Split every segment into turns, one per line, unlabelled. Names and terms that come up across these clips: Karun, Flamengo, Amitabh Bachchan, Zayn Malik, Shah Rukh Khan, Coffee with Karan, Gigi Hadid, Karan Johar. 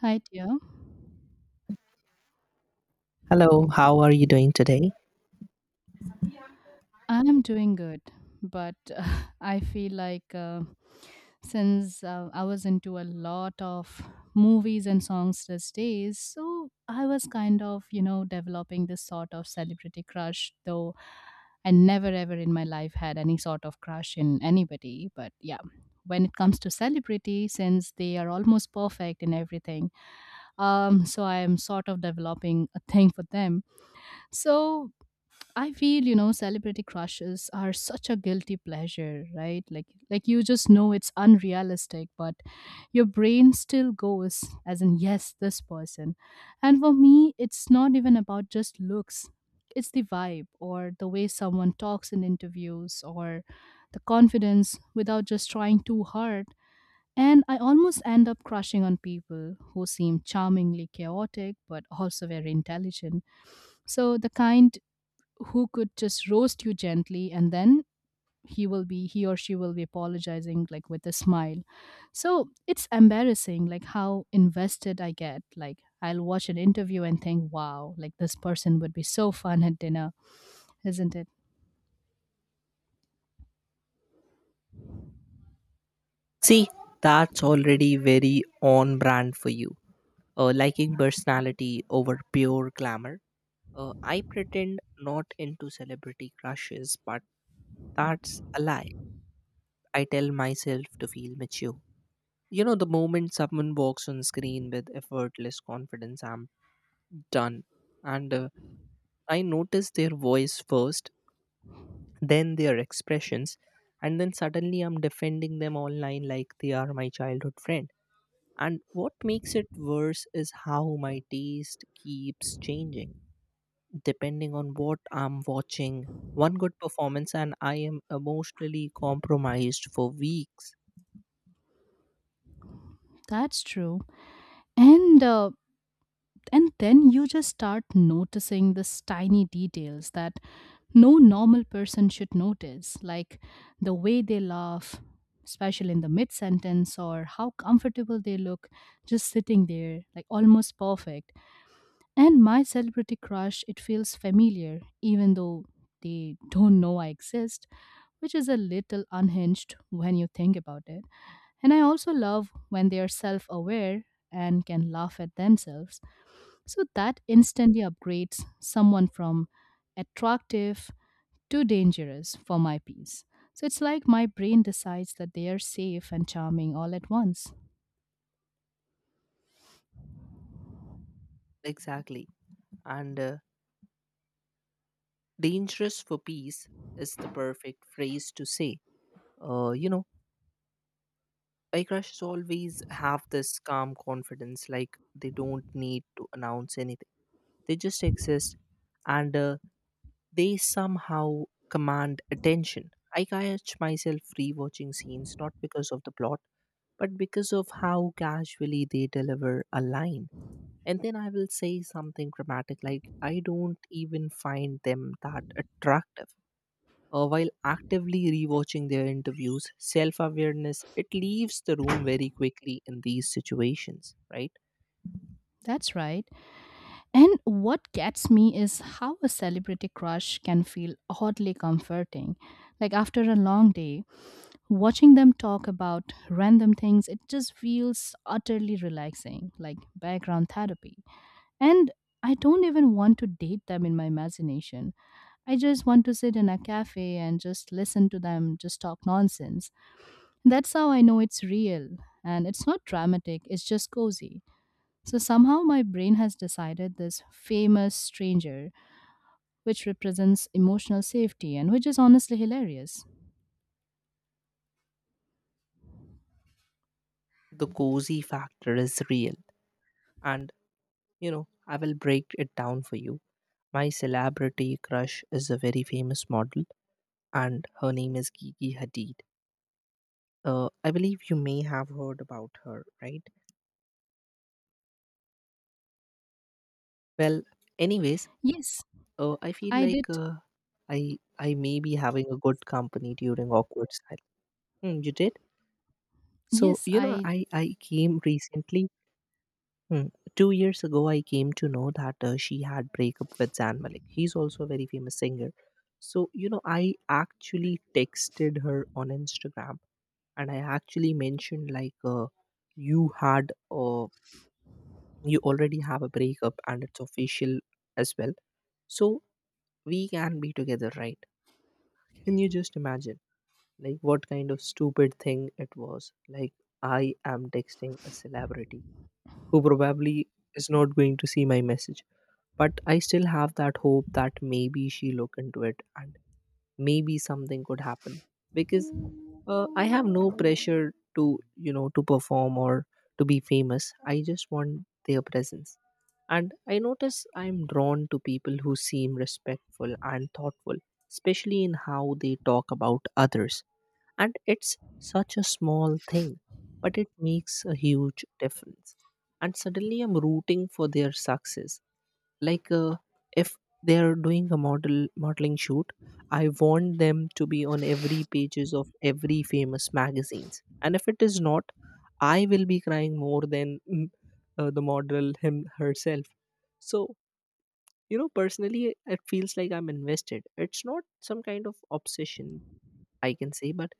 Hi, dear.
Hello, how are you doing today?
I'm doing good, but I feel like since I was into a lot of movies and songs these days, so I was kind of, you know, developing this sort of celebrity crush, though I never ever in my life had any sort of crush in anybody. But yeah, when it comes to celebrity, since they are almost perfect in everything, so I am sort of developing a thing for them. So I feel, you know, celebrity crushes are such a guilty pleasure, right? Like you just know it's unrealistic, but your brain still goes as in yes, this person. And for me, it's not even about just looks. It's the vibe or the way someone talks in interviews or the confidence without just trying too hard. And I almost end up crushing on people who seem charmingly chaotic but also very intelligent. So the kind who could just roast you gently, and then he or she will be apologizing like with a smile. So it's embarrassing, like how invested I get. Like I'll watch an interview and think, wow, like this person would be so fun at dinner, isn't it?
See, that's already very on brand for you. Liking personality over pure glamour. I pretend not into celebrity crushes, but that's a lie. I tell myself to feel mature. You know, the moment someone walks on screen with effortless confidence, I'm done. And I notice their voice first, then their expressions, and then suddenly I'm defending them online like they are my childhood friend. And what makes it worse is how my taste keeps changing depending on what I'm watching. One good performance, and I am emotionally compromised for weeks.
That's true. And and then you just start noticing this tiny details that no normal person should notice, like the way they laugh, especially in the mid sentence, or how comfortable they look, just sitting there, like almost perfect. And my celebrity crush, it feels familiar even though they don't know I exist, which is a little unhinged when you think about it. And I also love when they are self aware and can laugh at themselves, so that instantly upgrades someone from attractive to dangerous for my peace. So it's like my brain decides that they are safe and charming all at once.
Exactly. And dangerous for peace is the perfect phrase to say. You know, I crushes always have this calm confidence, like they don't need to announce anything. They just exist and they somehow command attention. I catch myself rewatching scenes not because of the plot, but because of how casually they deliver a line. And then I will say something dramatic like, I don't even find them that attractive while actively rewatching their interviews. Self awareness, it leaves the room very quickly in these situations, right?
That's right. And what gets me is how a celebrity crush can feel oddly comforting. Like after a long day, watching them talk about random things, it just feels utterly relaxing, like background therapy. And I don't even want to date them in my imagination. I just want to sit in a cafe and just listen to them just talk nonsense. That's how I know it's real. And it's not dramatic, it's just cozy. So somehow my brain has decided this famous stranger, which represents emotional safety and which is honestly hilarious.
The cozy factor is real. And, you know, I will break it down for you. My celebrity crush is a very famous model and her name is Gigi Hadid. I believe you may have heard about her, right? Well, anyways,
Yes,
I feel
I
like
did.
I may be having a good company during awkward style. Hmm, you did? So
Yes,
you know,
I
I came recently. Hmm, 2 years ago, I came to know that she had breakup with Zan Malik. He's also a very famous singer. So you know, I actually texted her on Instagram and I actually mentioned like you had a you already have a breakup, and it's official as well, so we can be together, right? Can you just imagine like what kind of stupid thing it was? Like, I am texting a celebrity who probably is not going to see my message, but I still have that hope that maybe she look into it and maybe something could happen. Because I have no pressure to perform or to be famous. I just want their presence. And I notice I'm drawn to people who seem respectful and thoughtful, especially in how they talk about others. And it's such a small thing, but it makes a huge difference. And suddenly I'm rooting for their success like if they are doing a modeling shoot, I want them to be on every pages of every famous magazines, and if it is not, I will be crying more than the model him herself. So you know, personally it feels like I'm invested. It's not some kind of obsession, I can say, but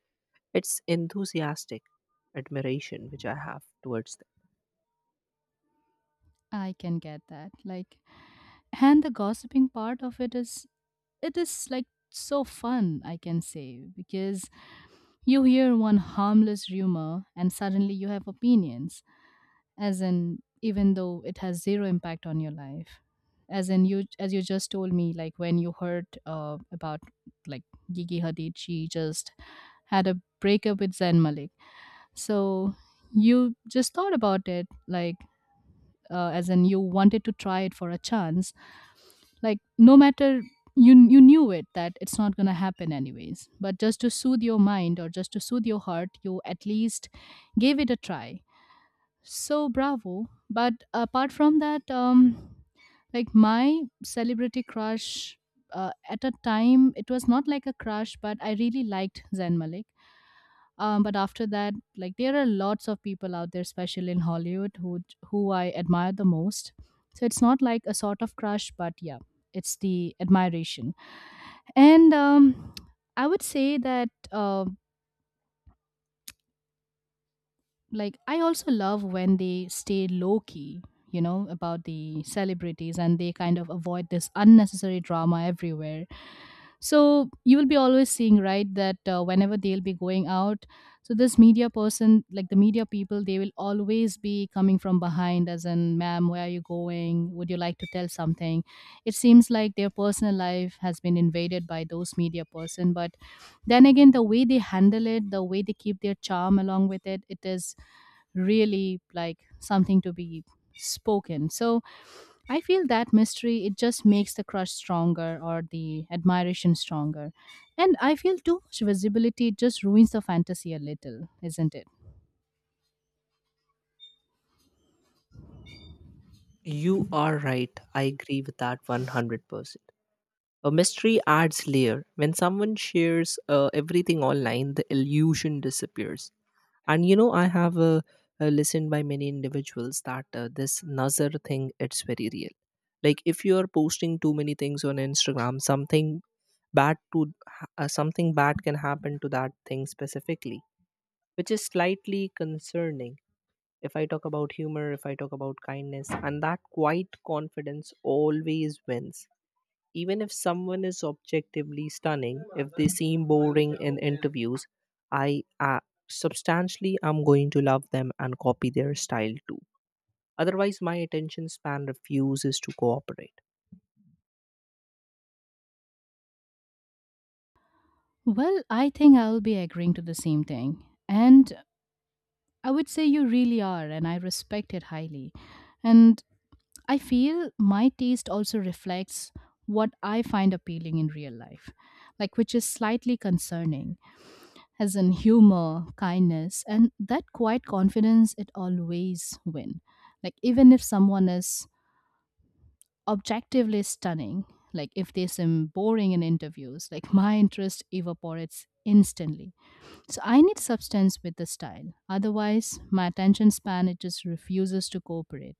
it's enthusiastic admiration which I have towards
I can get that. Like, and the gossiping part of it is, it is like so fun, I can say, because you hear one harmless rumor and suddenly you have opinions, as in, even though it has zero impact on your life. As in, you, as you just told me, like when you heard about, like, Gigi Hadid, she just had a breakup with Zayn Malik. So you just thought about it, like, as in, you wanted to try it for a chance, like no matter, you knew it that it's not going to happen anyways, but just to soothe your mind or just to soothe your heart, you at least gave it a try. So bravo. But apart from that, like my celebrity crush, at a time it was not like a crush, but I really liked Zayn Malik. But after that, like there are lots of people out there, especially in Hollywood, who I admire the most. So it's not like a sort of crush, but yeah, it's the admiration. And I would say that like I also love when they stay low key, you know, about the celebrities, and they kind of avoid this unnecessary drama everywhere. So you will be always seeing, right, that whenever they'll be going out, so this media person, like the media people, they will always be coming from behind, as in, ma'am, where are you going? Would you like to tell something? It seems like their personal life has been invaded by those media person, but then again, the way they handle it, the way they keep their charm along with it, it is really like something to be spoken. So I feel that mystery, it just makes the crush stronger or the admiration stronger. And I feel too much visibility, it just ruins the fantasy a little, isn't it?
them. You are right, I agree with that 100%. A mystery adds layer. When someone shares everything online, the illusion disappears. And you know, I have listened by many individuals that this nazar thing, it's very real. Like if you are posting too many things on Instagram, something bad to something bad can happen to that thing specifically, which is slightly concerning. If I talk about humor, if I talk about kindness, and that quiet confidence always wins, even if someone is objectively stunning, if they seem boring in interviews, I substantially am going to love them and copy their style too. Otherwise, my attention span refuses to cooperate.
Well, I think I'll be agreeing to the same thing. And I would say you really are, and I respect it highly. And I feel my taste also reflects what I find appealing in real life, like which is slightly concerning, as in humor, kindness, and that quiet confidence, it always win. Like even if someone is objectively stunning, like if they seem boring in interviews, like my interest evaporates instantly. So I need substance with the style. Otherwise, my attention span, it just refuses to cooperate.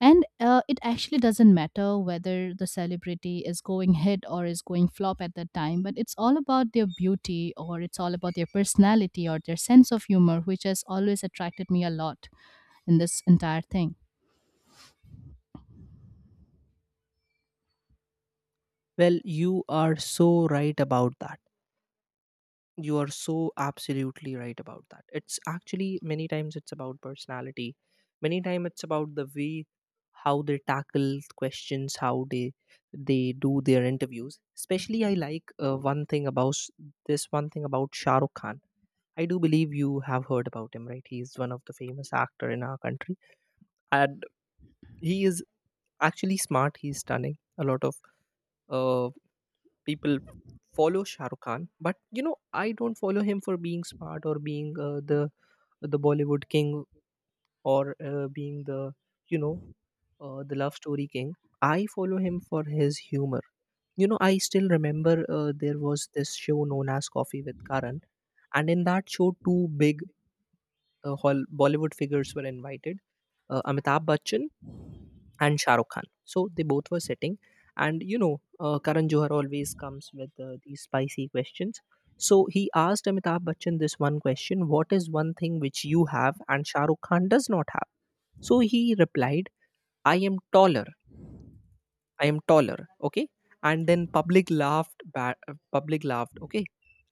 And it actually doesn't matter whether the celebrity is going hit or is going flop at that time, but it's all about their beauty or it's all about their personality or their sense of humor, which has always attracted me a lot in this entire thing.
Well, you are so right about that. You are so absolutely right about that. It's actually many times it's about personality, many times it's about the way how they tackle questions, how they do their interviews. Especially, I like one thing about s- this one thing about Shah Rukh Khan. I do believe you have heard about him, right? He is one of the famous actor in our country. And he is actually smart, he's stunning. A lot of uh, people follow Shah Rukh Khan, but you know, I don't follow him for being smart or being the Bollywood king, or being the, you know, the love story king. I follow him for his humor. You know, I still remember there was this show known as Coffee with Karan, and in that show, two big Bollywood figures were invited: Amitabh Bachchan and Shah Rukh Khan. So they both were sitting, and you know, Karan Johar always comes with these spicy questions. So he asked Amitabh Bachchan this one question: what is one thing which you have and Shah Rukh Khan does not have? So he replied, "I am taller. I am taller, okay?" And then public laughed, public laughed, okay.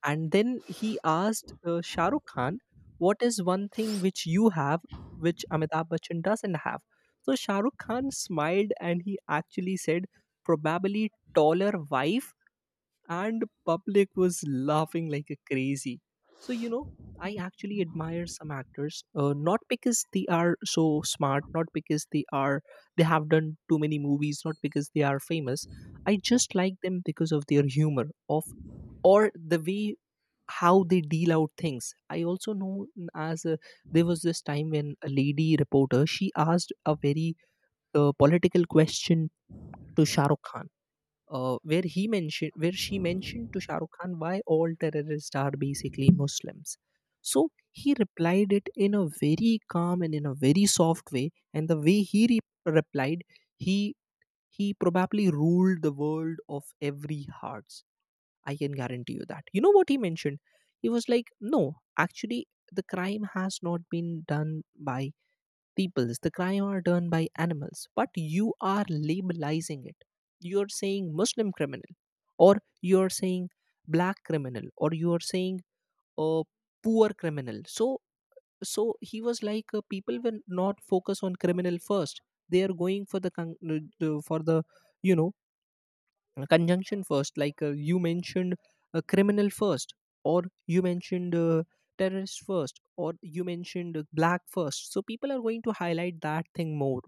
And then he asked Shah Rukh Khan, what is one thing which you have, which Amitabh Bachchan doesn't have? So Shah Rukh Khan smiled and he actually said, probably taller wife. And public was laughing like a crazy. So you know, I actually admire some actors not because they are so smart, not because they have done too many movies, not because they are famous. I just like them because of their humor, of or the way how they deal out things. I also know as a, there was this time when a lady reporter, she asked a very political question to Shahrukh Khan, where she mentioned to Shah Rukh Khan, why all terrorists are basically Muslims. So he replied it in a very calm and in a very soft way, and the way he replied, he probably ruled the world of every hearts. I can guarantee you that. You know what he mentioned? He was like, no, actually, the crime has not been done by peoples, the crime are done by animals, but you are labelizing it. You're saying Muslim criminal, or you're saying black criminal, or you're saying uh, poor criminal. So, so he was like, people will not focus on criminal first. They are going for the for the, you know, conjunction first. Like you mentioned, criminal first, or you mentioned, terrorist first, or you mentioned black first. So people are going to highlight that thing more,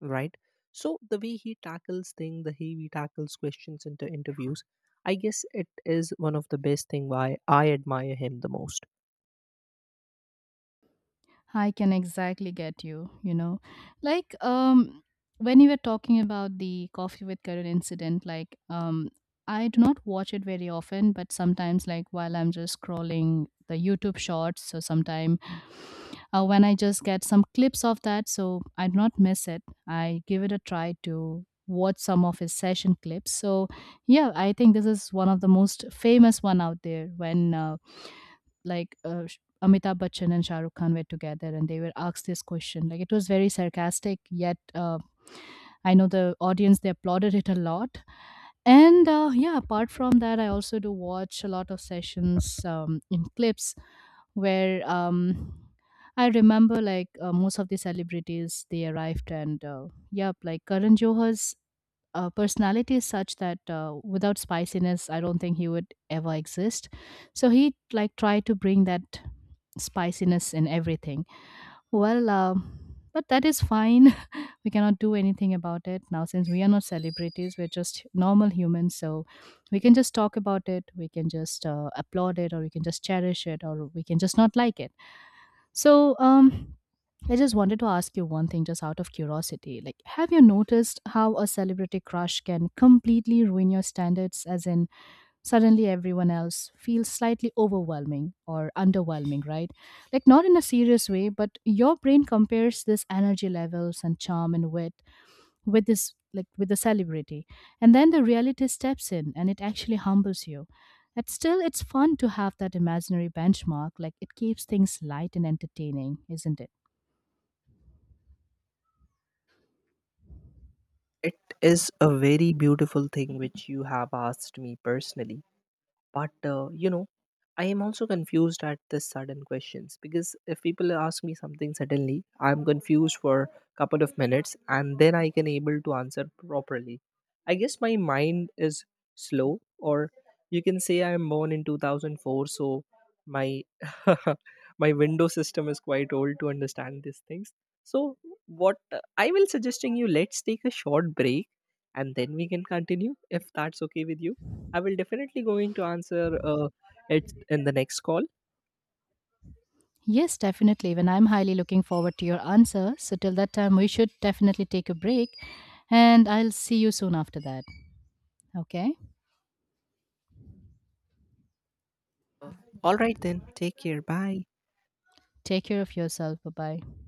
right? So the way he tackles thing, the way he tackles questions into interviews, I guess it is one of the best thing why I admire him the most.
I can exactly get you, you know. Like when you were talking about the Coffee with Karun incident, like I do not watch it very often, but sometimes, like while I'm just scrolling the YouTube shorts, so sometime when I just get some clips of that, so I do not miss it. I give it a try to watch some of his session clips. So yeah, I think this is one of the most famous one out there, when Amitabh Bachchan and Shah Rukh Khan were together, and they were asked this question. Like it was very sarcastic, yet I know the audience, they applauded it a lot. And yeah, apart from that, I also do watch a lot of sessions in clips where I remember, like most of the celebrities they arrived, and yeah, like Karan Johar's personality is such that without spiciness, I don't think he would ever exist. So he like tried to bring that spiciness in everything. Well, but that is fine. We cannot do anything about it now, since we are not celebrities. We're just normal humans. So we can just talk about it. We can just applaud it, or we can just cherish it, or we can just not like it. So I just wanted to ask you one thing, just out of curiosity. Like, have you noticed how a celebrity crush can completely ruin your standards? As in, suddenly everyone else feels slightly overwhelming or underwhelming, right? Like, not in a serious way, but your brain compares this energy levels and charm and wit with this, like, with the celebrity. And then the reality steps in, and it actually humbles you. But still, it's fun to have that imaginary benchmark. Like, it keeps things light and entertaining, isn't it?
It is a very beautiful thing which you have asked me personally, but you know, I am also confused at this sudden questions, because if people ask me something suddenly, I'm confused for a couple of minutes and then I can able to answer properly. I guess my mind is slow, or you can say I'm born in 2004, so my my window system is quite old to understand these things. So what I will suggesting you, let's take a short break and then we can continue if that's okay with you. I will definitely going to answer it in the next call.
Yes, definitely. When I'm highly looking forward to your answer. So, till that time, we should definitely take a break, and I'll see you soon after that. Okay?
All right, then. Take care. Bye.
Take care of yourself. Bye bye.